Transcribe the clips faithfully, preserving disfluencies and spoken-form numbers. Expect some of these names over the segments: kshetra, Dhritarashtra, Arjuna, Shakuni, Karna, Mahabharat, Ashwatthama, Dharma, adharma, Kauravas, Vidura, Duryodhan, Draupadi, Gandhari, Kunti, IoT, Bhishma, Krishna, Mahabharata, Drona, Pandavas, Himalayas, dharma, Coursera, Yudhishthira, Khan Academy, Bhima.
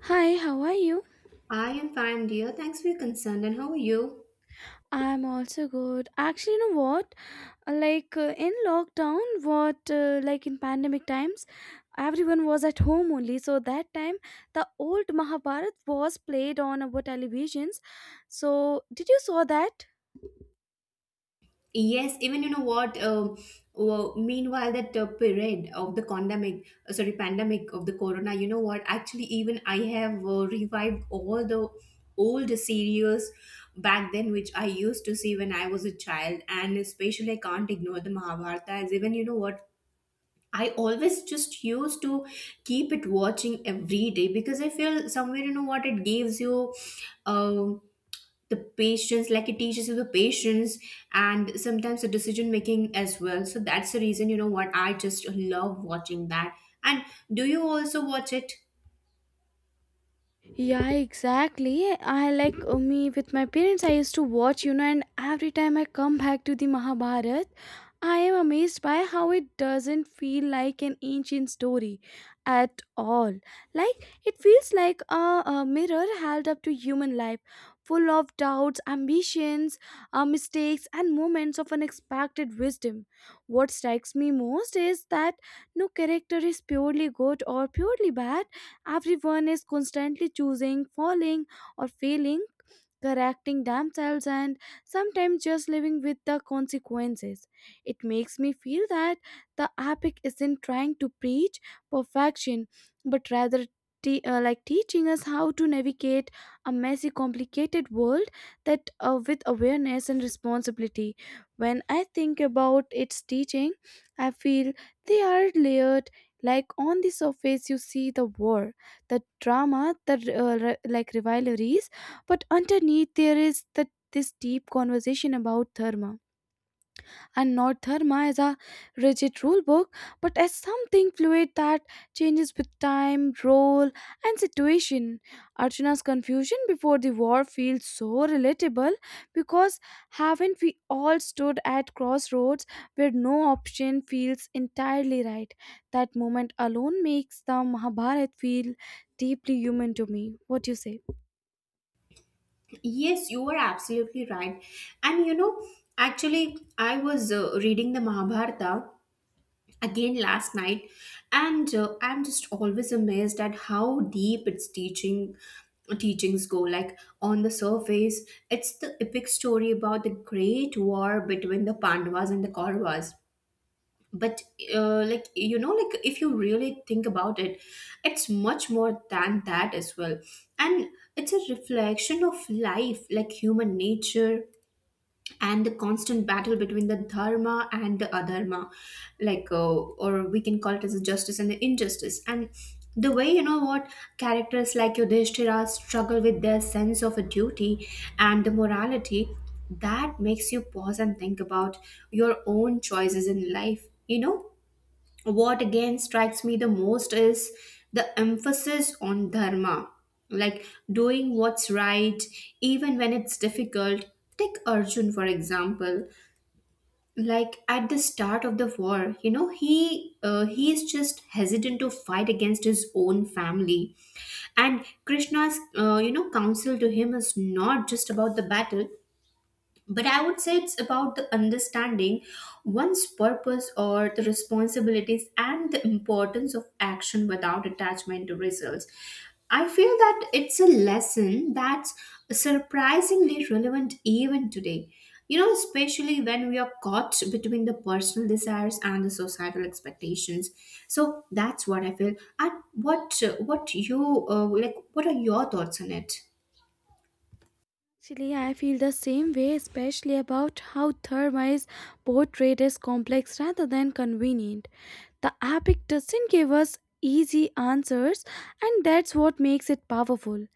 Hi, how are you? I am fine, dear. Thanks for your concern. And how are you? I'm also good. Actually, you know what? Uh, Like, uh, in lockdown, what uh, like in pandemic times, everyone was at home only. So that time, the old Mahabharat was played on our televisions. So did you saw that? Yes, even you know what? Um, well, meanwhile, that uh, period of the pandemic, uh, sorry, pandemic of the corona. You know what? Actually, even I have uh, revived all the old series back then, which I used to see when I was a child, and especially I can't ignore the Mahabharata. As even you know what? I always just used to keep it watching every day because I feel somewhere you know what it gives you. Um the patience, like it teaches you the patience, and sometimes the decision making as well. So that's the reason you know what, I just love watching that. And do you also watch it? Yeah, exactly. I like uh, Me with my parents, I used to watch, you know, and every time I come back to the Mahabharat, I am amazed by how it doesn't feel like an ancient story at all. Like it feels like a, a mirror held up to human life, full of doubts, ambitions, uh, mistakes, and moments of unexpected wisdom. What strikes me most is that no character is purely good or purely bad. Everyone is constantly choosing, falling, or failing, correcting themselves, and sometimes just living with the consequences. It makes me feel that the epic isn't trying to preach perfection, but rather te- uh, like teaching us how to navigate a messy, complicated world, that uh, with awareness and responsibility. When I think about its teaching, I feel they are layered. Like on the surface, you see the war, the drama, the uh, re- like rivalries, but underneath there is that this deep conversation about dharma, and not dharma as a rigid rule book, but as something fluid that changes with time, role, and situation. Arjuna's confusion before the war feels so relatable, because haven't we all stood at crossroads where no option feels entirely right? That moment alone makes the Mahabharata feel deeply human to me. What do you say? Yes, you are absolutely right. And you know, actually I was uh, reading the Mahabharata again last night, and uh, I'm just always amazed at how deep its teaching teachings go. Like on the surface, it's the epic story about the great war between the Pandavas and the Kauravas, but uh, like you know, like if you really think about it, it's much more than that as well. And it's a reflection of life, like human nature, and the constant battle between the dharma and the adharma, like uh, or we can call it as a justice and the injustice. And the way you know what, characters like Yudhishthira struggle with their sense of a duty and the morality, that makes you pause and think about your own choices in life. You know what again strikes me the most is the emphasis on dharma, like doing what's right even when it's difficult. Take Arjun for example. Like at the start of the war, you know, he uh, he is just hesitant to fight against his own family, and Krishna's uh, you know counsel to him is not just about the battle, but I would say it's about the understanding one's purpose or the responsibilities and the importance of action without attachment to results. I feel that it's a lesson that's surprisingly relevant even today, you know, especially when we are caught between the personal desires and the societal expectations. So that's what I feel. And what what you uh, like, what are your thoughts on it? Actually, I feel the same way, especially about how Dharma is portrayed as complex rather than convenient. The epic doesn't give us easy answers, and that's what makes it powerful.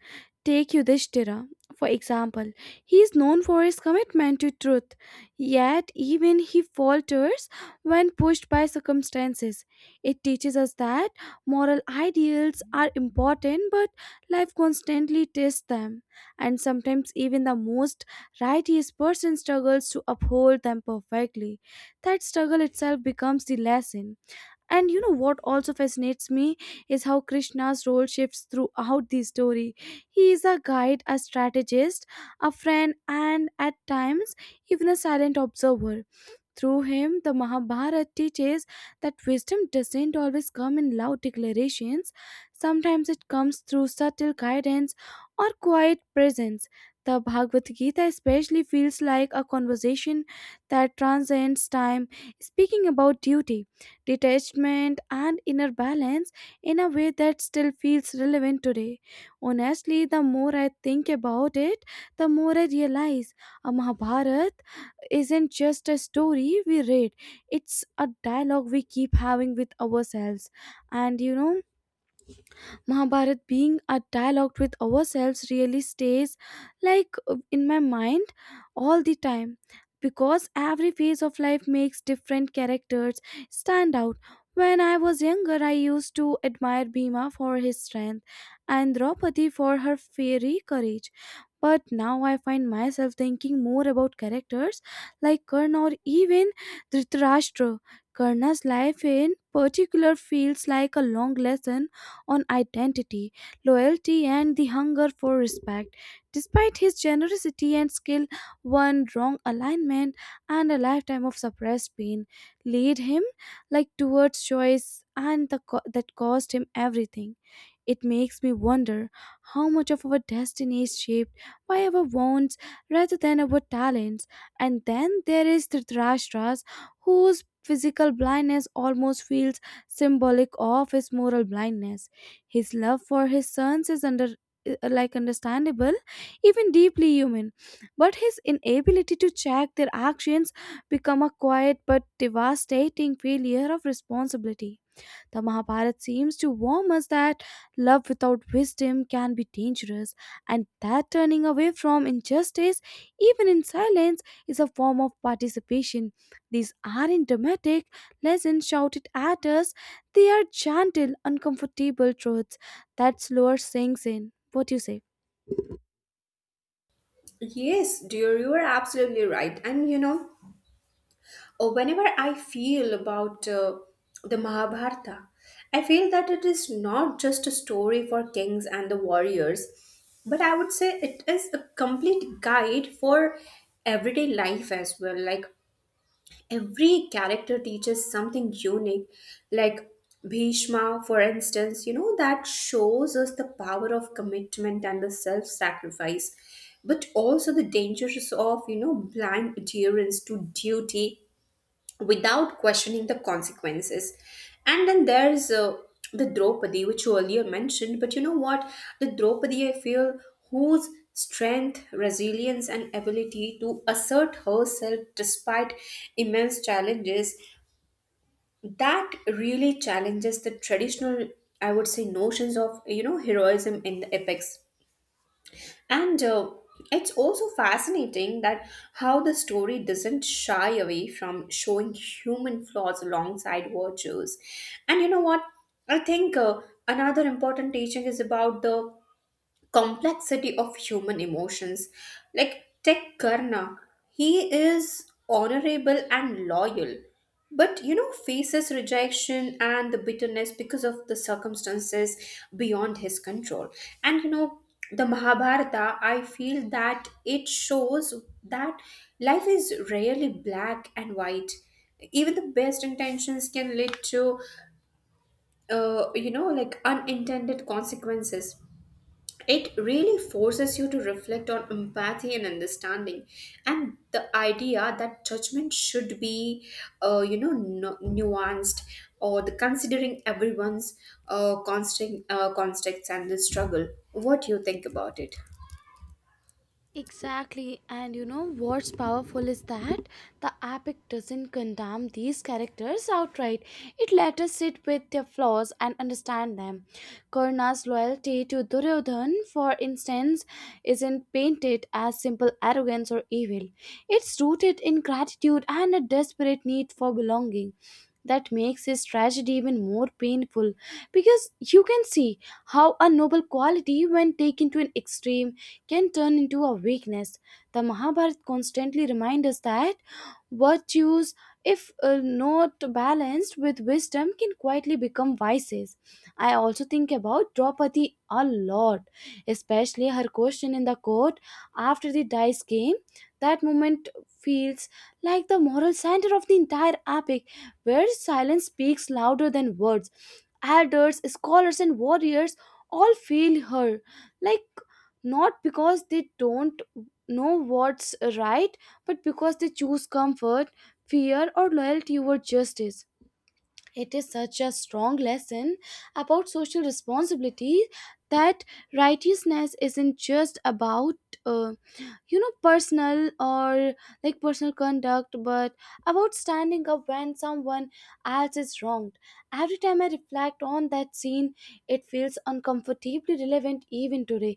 Take Yudhishthira, for example. He is known for his commitment to truth, yet, even he falters when pushed by circumstances. It teaches us that moral ideals are important, but life constantly tests them, and sometimes even the most righteous person struggles to uphold them perfectly. That struggle itself becomes the lesson. And you know what also fascinates me is how Krishna's role shifts throughout the story. He is a guide, a strategist, a friend, and at times even a silent observer. Through him, the Mahabharata teaches that wisdom doesn't always come in loud declarations. Sometimes it comes through subtle guidance or quiet presence. The Bhagavad Gita especially feels like a conversation that transcends time, speaking about duty, detachment, and inner balance in a way that still feels relevant today. Honestly, the more I think about it, the more I realize a Mahabharata isn't just a story we read, it's a dialogue we keep having with ourselves. And you know, Mahabharat being a dialogue with ourselves really stays, like uh, in my mind all the time, because every phase of life makes different characters stand out. When I was younger, I used to admire Bhima for his strength and Draupadi for her fiery courage. But now I find myself thinking more about characters like Karna or even Dhritarashtra. Karna's life in particular feels like a long lesson on identity, loyalty, and the hunger for respect. Despite his generosity and skill, one wrong alignment and a lifetime of suppressed pain led him like towards choice and the co- that cost him everything. It makes me wonder how much of our destiny is shaped by our wants rather than our talents. And then there is Dhritarashtra's, whose physical blindness almost feels symbolic of his moral blindness. His love for his sons is under uh, like understandable, even deeply human, but his inability to check their actions become a quiet but devastating failure of responsibility. The Mahabharata seems to warn us that love without wisdom can be dangerous, and that turning away from injustice, even in silence, is a form of participation. These aren't dramatic lessons shouted at us, they are gentle, uncomfortable truths that slower sinks in. What do you say? Yes, dear, you are absolutely right. And you know, oh, whenever I feel about uh, the Mahabharata, I feel that it is not just a story for kings and the warriors, but I would say it is a complete guide for everyday life as well. Like every character teaches something unique, like Bhishma, for instance, you know, that shows us the power of commitment and the self sacrifice, but also the dangers of, you know, blind adherence to duty without questioning the consequences. And then there's uh, the Draupadi, which you earlier mentioned. But you know what? The Draupadi, I feel, whose strength, resilience, and ability to assert herself despite immense challenges, that really challenges the traditional, I would say, notions of, you know, heroism in the epics. And uh, it's also fascinating that how the story doesn't shy away from showing human flaws alongside virtues. And you know what? I think uh, another important teaching is about the complexity of human emotions. Like Tech Karna, he is honorable and loyal, but you know, faces rejection and the bitterness because of the circumstances beyond his control. And you know, the Mahabharata, I feel that it shows that life is rarely black and white. Even the best intentions can lead to, uh, you know, like unintended consequences. It really forces you to reflect on empathy and understanding, and the idea that judgment should be, uh, you know, nu- nuanced, or the considering everyone's uh, constant uh, context and the struggle. What do you think about it? Exactly, and you know what's powerful is that the epic doesn't condemn these characters outright. It let us sit with their flaws and understand them. Karna's loyalty to Duryodhan, for instance, isn't painted as simple arrogance or evil. It's rooted in gratitude and a desperate need for belonging, that makes his tragedy even more painful, because you can see how a noble quality, when taken to an extreme, can turn into a weakness. The Mahabharata constantly reminds us that virtues, if uh, not balanced with wisdom, can quietly become vices. I also think about Draupadi a lot, especially her question in the court after the dice game. That moment feels like the moral center of the entire epic, where silence speaks louder than words. Elders, scholars, and warriors all feel her. Like, not because they don't know what's right, but because they choose comfort, fear, or loyalty over justice. It is such a strong lesson about social responsibility, that righteousness isn't just about. uh, you know personal or like personal conduct, but about standing up when someone else is wronged. Every time I reflect on that scene, it feels uncomfortably relevant even today.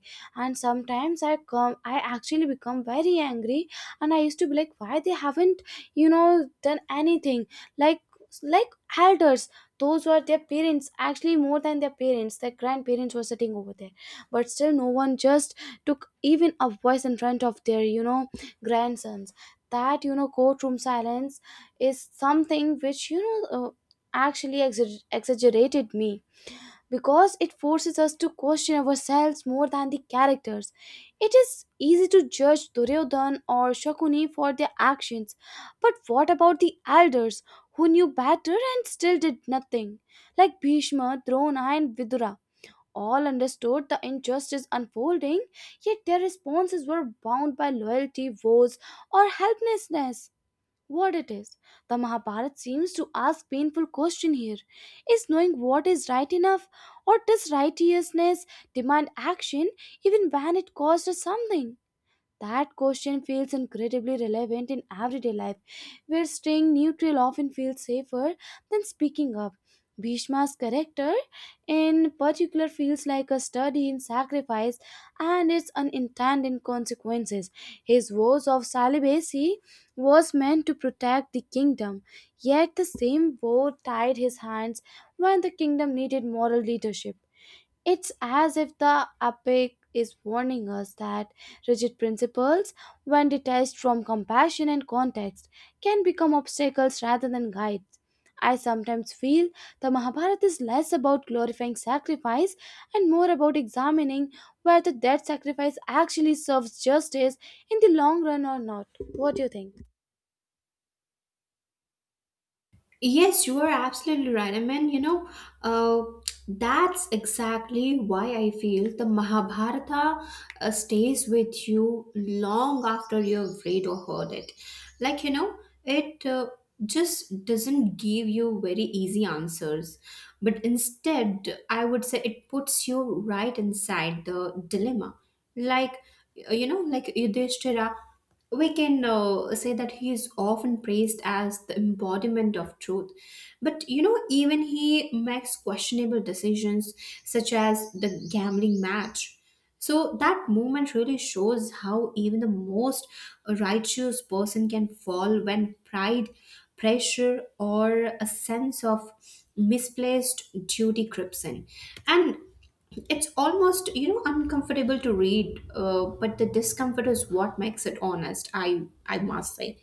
And sometimes i come i actually become very angry, and I used to be like, why they haven't you know done anything? Like like elders, those were their parents, actually more than their parents, their grandparents were sitting over there, but still no one just took even a voice in front of their you know grandsons. That, you know, courtroom silence is something which, you know uh, actually exa- exaggerated me, because it forces us to question ourselves more than the characters. It is easy to judge Duryodhan or Shakuni for their actions, but what about the elders who knew better and still did nothing? Like Bhishma, Drona, and Vidura all understood the injustice unfolding, yet their responses were bound by loyalty, vows, or helplessness. What it is? The Mahabharata seems to ask painful question here. Is knowing what is right enough, or does righteousness demand action even when it costs us something? That question feels incredibly relevant in everyday life, where staying neutral often feels safer than speaking up. Bhishma's character, in particular, feels like a study in sacrifice and its unintended consequences. His vows of celibacy was meant to protect the kingdom, yet the same vow tied his hands when the kingdom needed moral leadership. It's as if the epic is warning us that rigid principles, when detached from compassion and context, can become obstacles rather than guides. I sometimes feel the Mahabharata is less about glorifying sacrifice and more about examining whether that sacrifice actually serves justice in the long run or not. What do you think? Yes, you are absolutely right. I mean, you know, uh, that's exactly why I feel the Mahabharata uh, stays with you long after you've read or heard it. Like, you know, it uh, just doesn't give you very easy answers, but instead, I would say it puts you right inside the dilemma. Like, uh, you know, like Yudhishthira, we can uh, say that he is often praised as the embodiment of truth. But you know, even he makes questionable decisions, such as the gambling match. So that movement really shows how even the most righteous person can fall when pride, pressure, or a sense of misplaced duty creeps in. And it's almost, you know, uncomfortable to read, uh, but the discomfort is what makes it honest, I, I must say.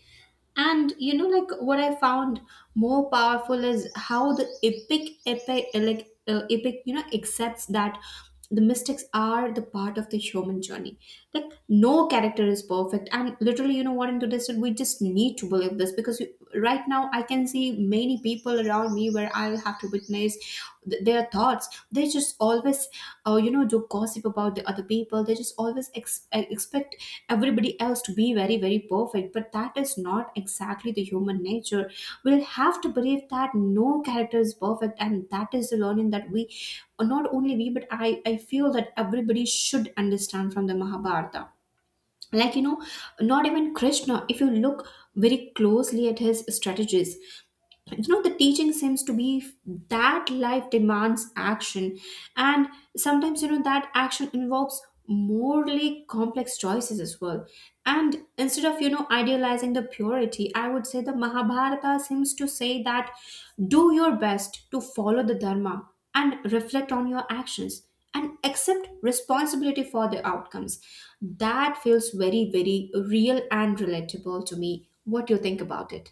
And you know, like what I found more powerful is how the epic, epic, uh, like uh, epic, you know, accepts that the mistakes are the part of the human journey. Like no character is perfect, and literally, you know what? Into this, we just need to believe this, because you, right now, I can see many people around me where I'll have to witness th- their thoughts. They just always uh, you know do gossip about the other people. They just always ex- uh, expect everybody else to be very very perfect, but that is not exactly the human nature. We'll have to believe that no character is perfect, and that is the learning that we not only we, but i i feel that everybody should understand from the Mahabharata. Like you know, not even Krishna, if you look very closely at his strategies, you know the teaching seems to be f- that life demands action, and sometimes you know that action involves morally complex choices as well. And instead of you know idealizing the purity, I would say the Mahabharata seems to say that do your best to follow the dharma, and reflect on your actions, and accept responsibility for the outcomes. That feels very very real and relatable to me. What do you think about it?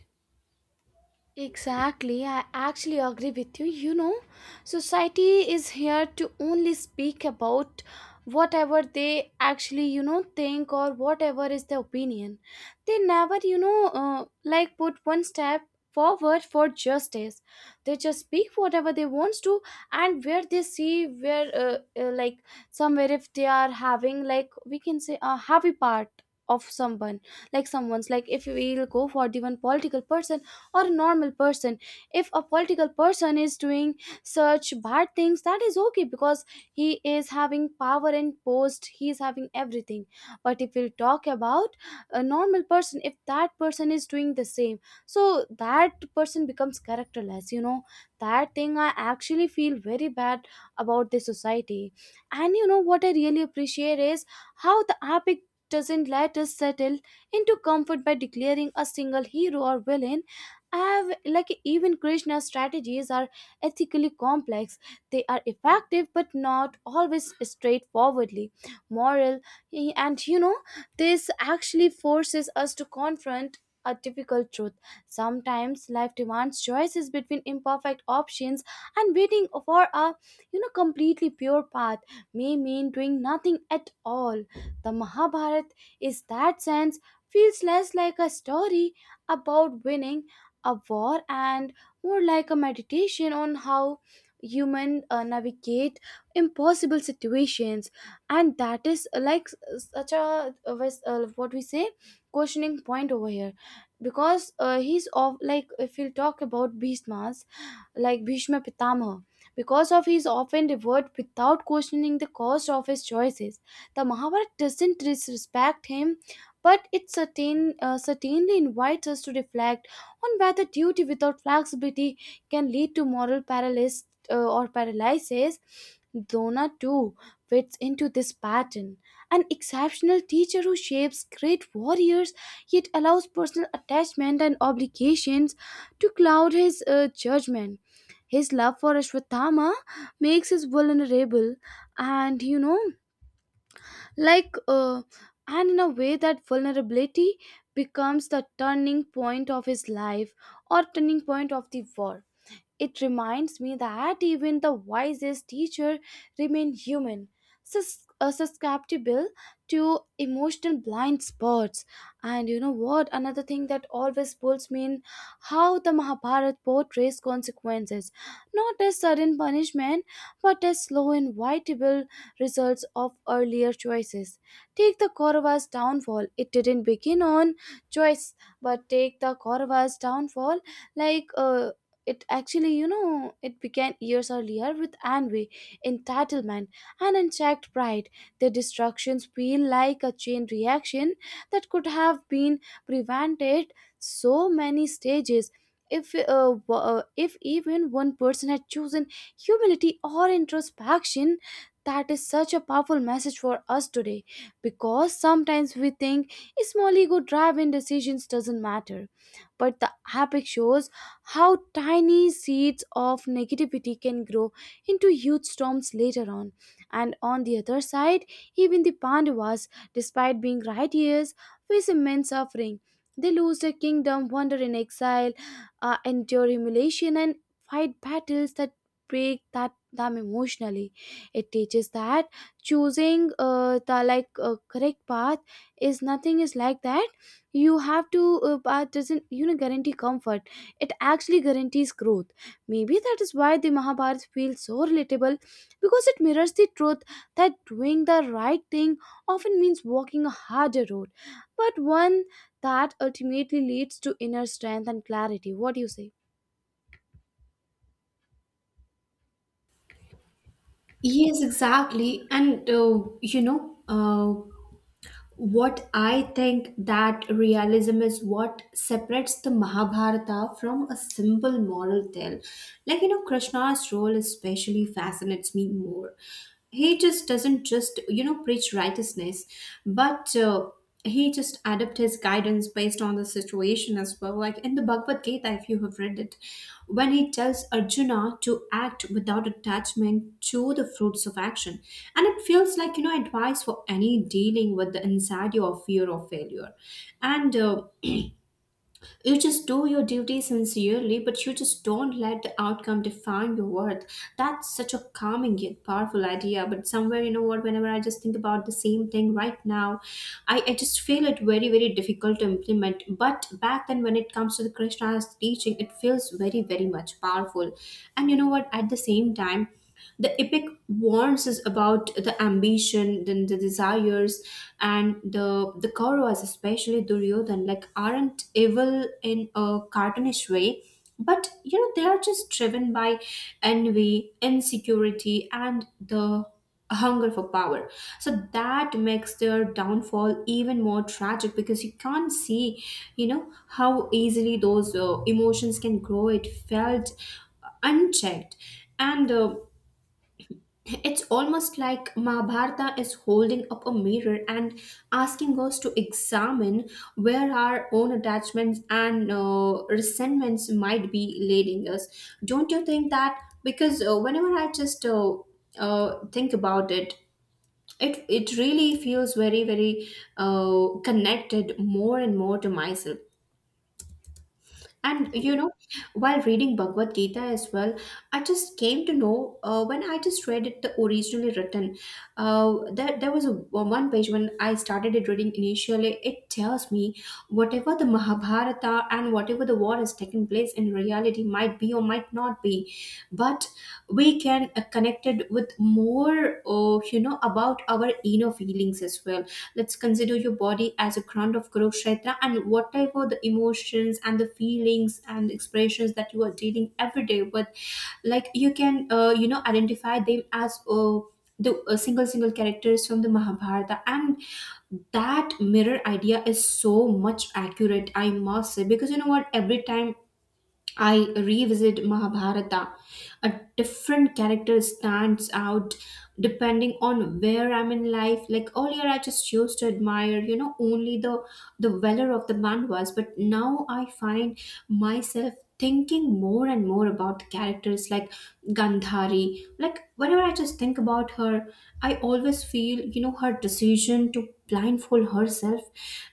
Exactly, I actually agree with you. You know, society is here to only speak about whatever they actually, you know, think, or whatever is their opinion. They never, you know, uh, like put one step forward for justice. They just speak whatever they wants to, and where they see where, uh, uh, like, somewhere if they are having, like, we can say a happy part of someone, like someone's, like, if we'll go for the one political person or a normal person. If a political person is doing such bad things, that is okay because he is having power and post, he is having everything. But if we talk about a normal person, if that person is doing the same, so that person becomes characterless, you know. That thing I actually feel very bad about this society. And you know what I really appreciate is how the epic doesn't let us settle into comfort by declaring a single hero or villain. I have, like, even Krishna's strategies are ethically complex. They are effective but not always straightforwardly moral. Eh, and you know, this actually forces us to confront a difficult truth. Sometimes life demands choices between imperfect options, and waiting for a, you know, completely pure path may mean doing nothing at all. The Mahabharata, is that sense, feels less like a story about winning a war and more like a meditation on how human uh, navigate impossible situations. And that is, uh, like, s- such a, uh, wes- uh, what we say, questioning point over here. Because uh, he's of, like, if we'll talk about beastmaster, like Bhishma Pitamaha. Because of his often reward without questioning the cost of his choices, the Mahabharata doesn't disrespect him, but it certain, uh, certainly invites us to reflect on whether duty without flexibility can lead to moral paralysis uh, or paralysis. Dona too fits into this pattern. An exceptional teacher who shapes great warriors, yet allows personal attachment and obligations to cloud his uh, judgment. His love for Ashwatthama makes us vulnerable, and you know, like, uh, and in a way, that vulnerability becomes the turning point of his life, or turning point of the war. It reminds me that even the wisest teacher remain human, sus- uh, susceptible to emotional blind spots. And you know what? Another thing that always pulls me in how the Mahabharata portrays consequences, not as sudden punishment, but as slow, inevitable results of earlier choices. Take the Kauravas' downfall; it didn't begin on choice, but take the Kauravas' downfall like. Uh, it actually, you know, it began years earlier with envy, entitlement, and unchecked pride. The destructions feel like a chain reaction that could have been prevented so many stages if uh, w- uh, if even one person had chosen humility or introspection, that is such a powerful message for us today because sometimes we think small ego driven decisions doesn't matter, but the epic shows how tiny seeds of negativity can grow into huge storms later on. And on the other side, even the Pandavas, despite being righteous, face immense suffering. They lose their kingdom, wander in exile, uh, endure humiliation, and fight battles that break that them emotionally. It teaches that choosing uh, the like uh, correct path is nothing is like that. You have to uh, path doesn't you know guarantee comfort, it actually guarantees growth. Maybe that is why the Mahabharata feels so relatable because it mirrors the truth that doing the right thing often means walking a harder road, but one that ultimately leads to inner strength and clarity. What do you say? Yes, exactly. And uh, you know, uh, what I think, that realism is what separates the Mahabharata from a simple moral tale. Like, you know, Krishna's role especially fascinates me more. He just doesn't just, you know, preach righteousness, but uh, he just adapt his guidance based on the situation as well. Like in the Bhagavad Gita, if you have read it, when he tells Arjuna to act without attachment to the fruits of action. And it feels like, you know, advice for any dealing with the anxiety or fear of failure. And uh, you just do your duty sincerely, but you just don't let the outcome define your worth. That's such a calming yet powerful idea. But somewhere, you know what, whenever I just think about the same thing right now, I, I just feel it very, very difficult to implement. But back then, when it comes to the Krishna's teaching, it feels very, very much powerful. And you know what, at the same time, the epic warns us about the ambition then the desires, and the the Kauravas, especially Duryodhan, like aren't evil in a cartoonish way, but you know they are just driven by envy, insecurity, and the hunger for power. So that makes their downfall even more tragic, because you can't see, you know, how easily those uh, emotions can grow it felt unchecked. And uh, it's almost like Mahabharata is holding up a mirror and asking us to examine where our own attachments and uh, resentments might be leading us. Don't you think that? Because uh, whenever I just uh, uh, think about it, it it really feels very very uh, connected more and more to myself. And you know, while reading Bhagavad Gita as well, I just came to know uh, when I just read it, the originally written. Uh, there, there was a one page when I started it reading initially. It tells me, whatever the Mahabharata and whatever the war has taken place in reality might be or might not be, but we can uh, connect it with more, uh, you know, about our inner feelings as well. Let's consider your body as a ground of growth kshetra, and what type of the emotions and the feelings and expressions that you are dealing every day with. Like you can uh, you know identify them as uh, the uh, single single characters from the Mahabharata. And that mirror idea is so much accurate, I must say, because you know what, every time I revisit Mahabharata, a different character stands out depending on where I'm in life. Like earlier, I just used to admire, you know, only the the valor of the Mandavas, but now I find myself thinking more and more about the characters like Gandhari. Like, whenever I just think about her, I always feel, you know, her decision to blindfold herself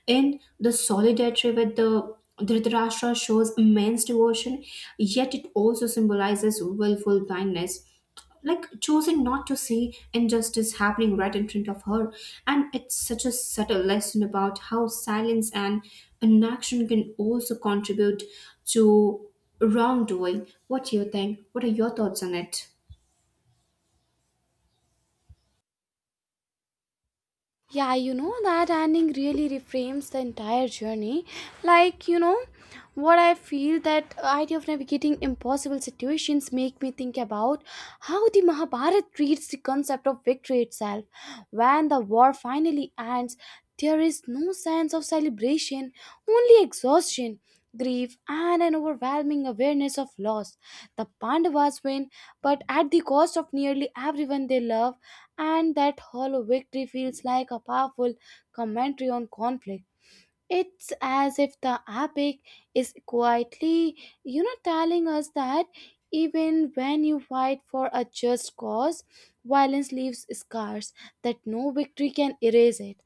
in the solidarity with the Dhritarashtra shows immense devotion, yet it also symbolizes willful blindness, like choosing not to see injustice happening right in front of her. And it's such a subtle lesson about how silence and inaction can also contribute to wrongdoing. What do you think? What are your thoughts on it? Yeah, you know that ending really reframes the entire journey. Like, you know, what I feel that uh, idea of navigating impossible situations make me think about how the Mahabharat treats the concept of victory itself. When the war finally ends, there is no sense of celebration, only exhaustion, grief, and an overwhelming awareness of loss. The Pandavas win, but at the cost of nearly everyone they love, and that hollow victory feels like a powerful commentary on conflict. It's as if the epic is quietly, you know, telling us that even when you fight for a just cause, violence leaves scars that no victory can erase it.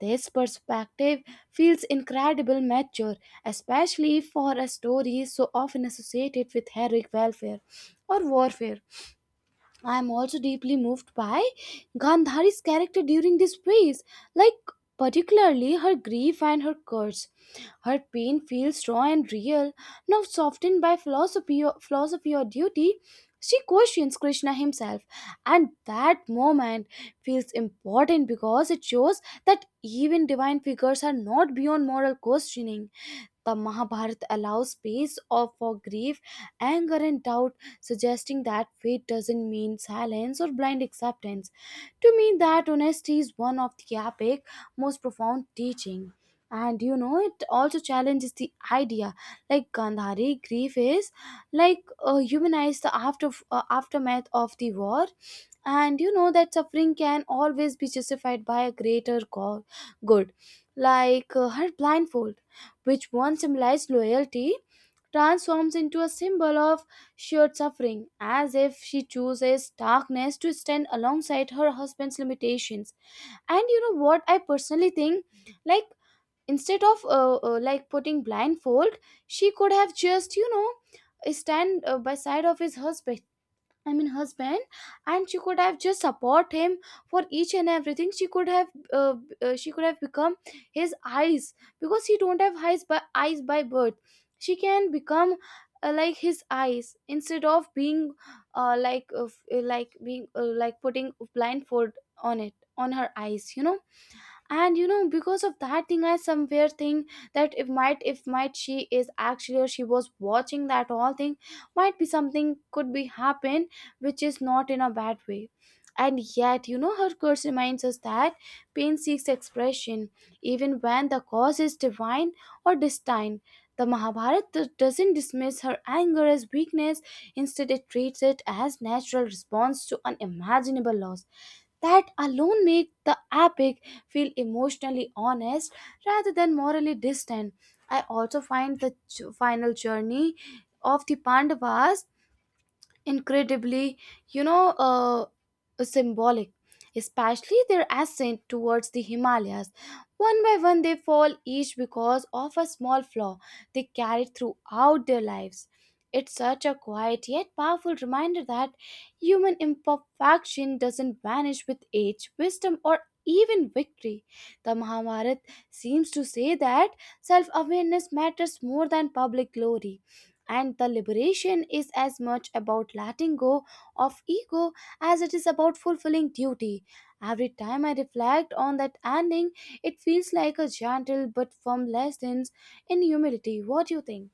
This perspective feels incredible mature, especially for a story so often associated with heroic welfare or warfare. I am also deeply moved by Gandhari's character during this phase, like particularly her grief and her curse. Her pain feels raw and real, now softened by philosophy or, philosophy or duty. She questions Krishna himself, and that moment feels important because it shows that even divine figures are not beyond moral questioning. The Mahabharata allows space of, for grief, anger, and doubt, suggesting that fate doesn't mean silence or blind acceptance. To me, that honesty is one of the epic, most profound teaching. And you know, it also challenges the idea, like Gandhari grief is like uh, humanized the after uh, aftermath of the war. And you know that suffering can always be justified by a greater go- good. Like uh, her blindfold, which once symbolized loyalty, transforms into a symbol of shared suffering, as if she chooses darkness to stand alongside her husband's limitations. And you know what I personally think, like, instead of uh, uh, like putting blindfold, she could have just, you know, stand uh, by side of his husband. I mean husband, and she could have just support him for each and everything. She could have, uh, uh, she could have become his eyes, because he don't have eyes by eyes by birth. She can become uh, like his eyes, instead of being, uh, like uh, f- uh, like being uh, like putting blindfold on it on her eyes. You know, and you know because of that thing I somewhere think that if might if might she is actually or she was watching that all thing, might be something could be happen, which is not in a bad way. And yet you know her curse reminds us that pain seeks expression even when the cause is divine or destined. The Mahabharata do- doesn't dismiss her anger as weakness, instead it treats it as natural response to unimaginable loss. That alone make the epic feel emotionally honest rather than morally distant. I also find the ch- final journey of the Pandavas incredibly, you know, uh, symbolic, especially their ascent towards the Himalayas. One by one, they fall, each because of a small flaw they carried throughout their lives. It's such a quiet yet powerful reminder that human imperfection doesn't vanish with age, wisdom, or even victory. The Mahabharata seems to say that self awareness matters more than public glory. And the liberation is as much about letting go of ego as it is about fulfilling duty. Every time I reflect on that ending, it feels like a gentle but firm lesson in humility. What do you think?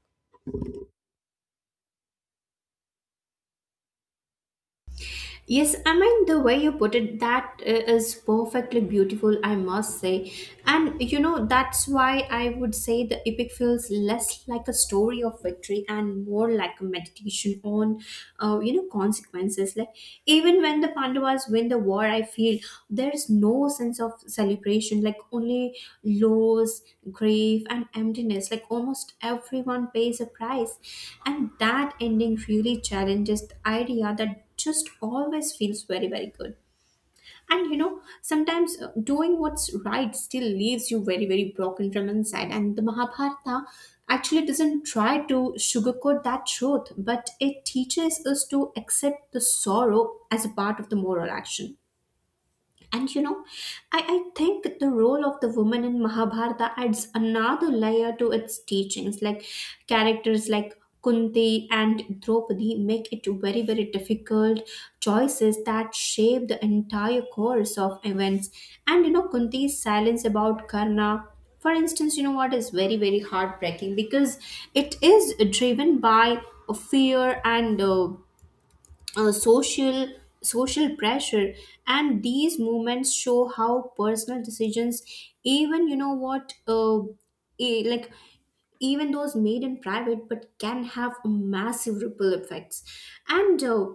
Yes, I mean, the way you put it, that uh, is perfectly beautiful, I must say. And you know, that's why I would say the epic feels less like a story of victory and more like a meditation on, uh, you know, consequences. Like, even when the Pandavas win the war, I feel there's no sense of celebration, like, only loss, grief, and emptiness. Like, almost everyone pays a price. And that ending really challenges the idea that just always feels very, very good. And you know, sometimes uh, doing what's right still leaves you very, very broken from inside. And the Mahabharata actually doesn't try to sugarcoat that truth, but it teaches us to accept the sorrow as a part of the moral action. And you know, I, I think the role of the woman in Mahabharata adds another layer to its teachings. Like, characters like Kunti and Draupadi make it very, very difficult choices that shape the entire course of events. And you know, Kunti's silence about Karna, for instance, you know what, is very, very heartbreaking because it is driven by fear and uh, uh, social social pressure. And these movements show how personal decisions, even you know what, uh, e- like even those made in private, but can have massive ripple effects. And uh,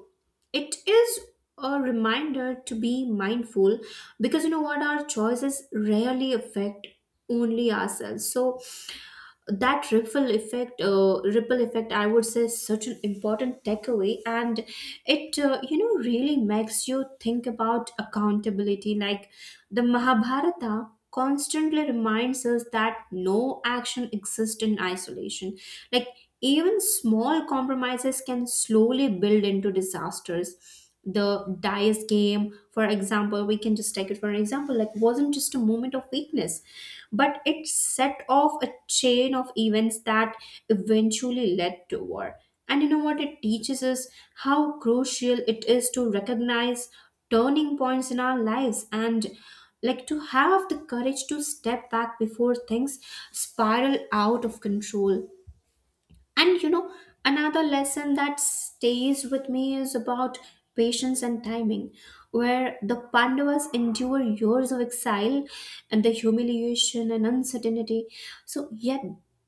it is a reminder to be mindful, because you know what, our choices rarely affect only ourselves. So that ripple effect, uh, ripple effect I would say, is such an important takeaway. And it, uh, you know, really makes you think about accountability. Like, the Mahabharata constantly reminds us that no action exists in isolation. Like, even small compromises can slowly build into disasters. The dice game, for example, we can just take it for an example, like, wasn't just a moment of weakness, but it set off a chain of events that eventually led to war. And you know what? It teaches us how crucial it is to recognize turning points in our lives and like to have the courage to step back before things spiral out of control. And you know, another lesson that stays with me is about patience and timing, where the Pandavas endure years of exile and the humiliation and uncertainty. So, yet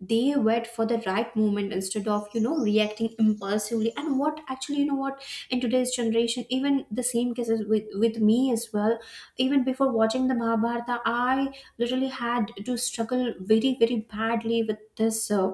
they wait for the right moment instead of, you know, reacting impulsively. And what actually, you know, what, in today's generation, even the same cases with, with me as well, even before watching the Mahabharata, I literally had to struggle very, very badly with this. Uh,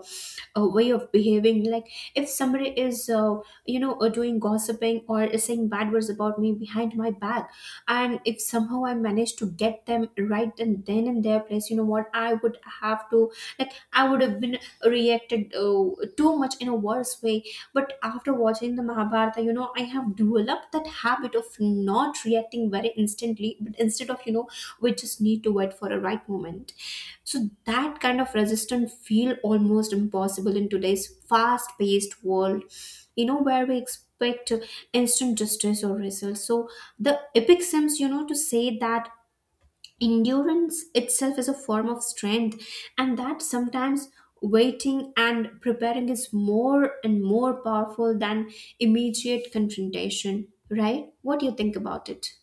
A way of behaving, like, if somebody is uh, you know, uh, doing gossiping or is saying bad words about me behind my back, and if somehow I manage to get them right and then in their place, you know what, I would have to, like, I would have been reacted uh, too much in a worse way. But after watching the Mahabharata, you know, I have developed that habit of not reacting very instantly, but instead of, you know, we just need to wait for a right moment. So that kind of resistance feel almost impossible in today's fast-paced world, you know, where we expect instant justice or results. So the epic seems, you know, to say that endurance itself is a form of strength, and that sometimes waiting and preparing is more and more powerful than immediate confrontation. Right? What do you think about it?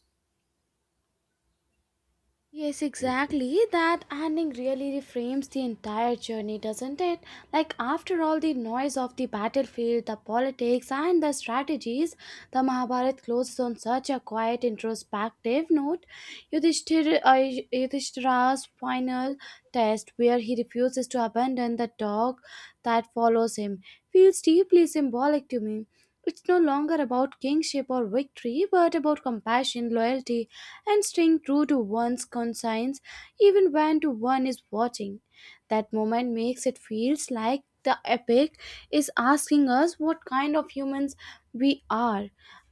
Yes, exactly. That ending really reframes the entire journey, doesn't it? Like, after all the noise of the battlefield, the politics, and the strategies, the Mahabharata closes on such a quiet, introspective note. Yudhishthir, uh, Yudhishthira's final test, where he refuses to abandon the dog that follows him, feels deeply symbolic to me. It's no longer about kingship or victory, but about compassion, loyalty, and staying true to one's conscience even when to one is watching. That moment makes it feels like the epic is asking us what kind of humans we are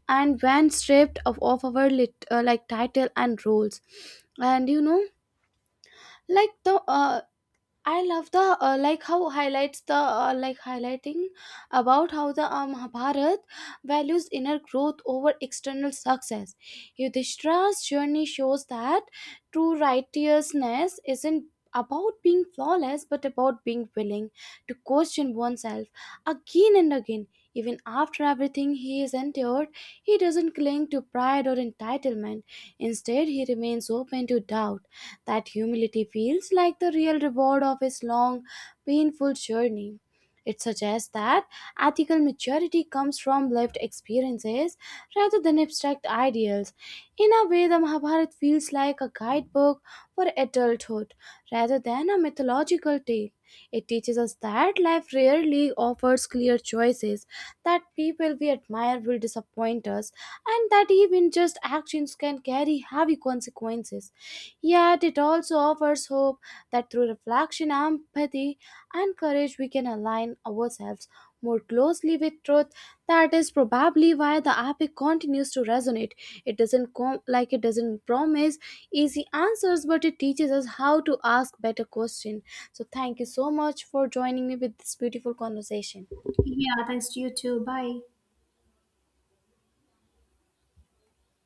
and when stripped of, of our lit, uh, like title and roles. And you know, like the uh, I love the uh, like how highlights the uh, like highlighting about how the uh, Mahabharat values inner growth over external success. Yudhishthira's journey shows that true righteousness isn't about being flawless but about being willing to question oneself again and again. Even after everything he has endured, he doesn't cling to pride or entitlement. Instead, he remains open to doubt, that humility feels like the real reward of his long, painful journey. It suggests that ethical maturity comes from lived experiences rather than abstract ideals. In a way, the Mahabharata feels like a guidebook for adulthood rather than a mythological tale. It teaches us that life rarely offers clear choices, that people we admire will disappoint us, and that even just actions can carry heavy consequences. Yet it also offers hope that through reflection, empathy, and courage, we can align ourselves more closely with truth. That is probably why the epic continues to resonate. It doesn't com- like it doesn't promise easy answers, but it teaches us how to ask better questions. So thank you so much for joining me with this beautiful conversation. Yeah, thanks to you too. Bye.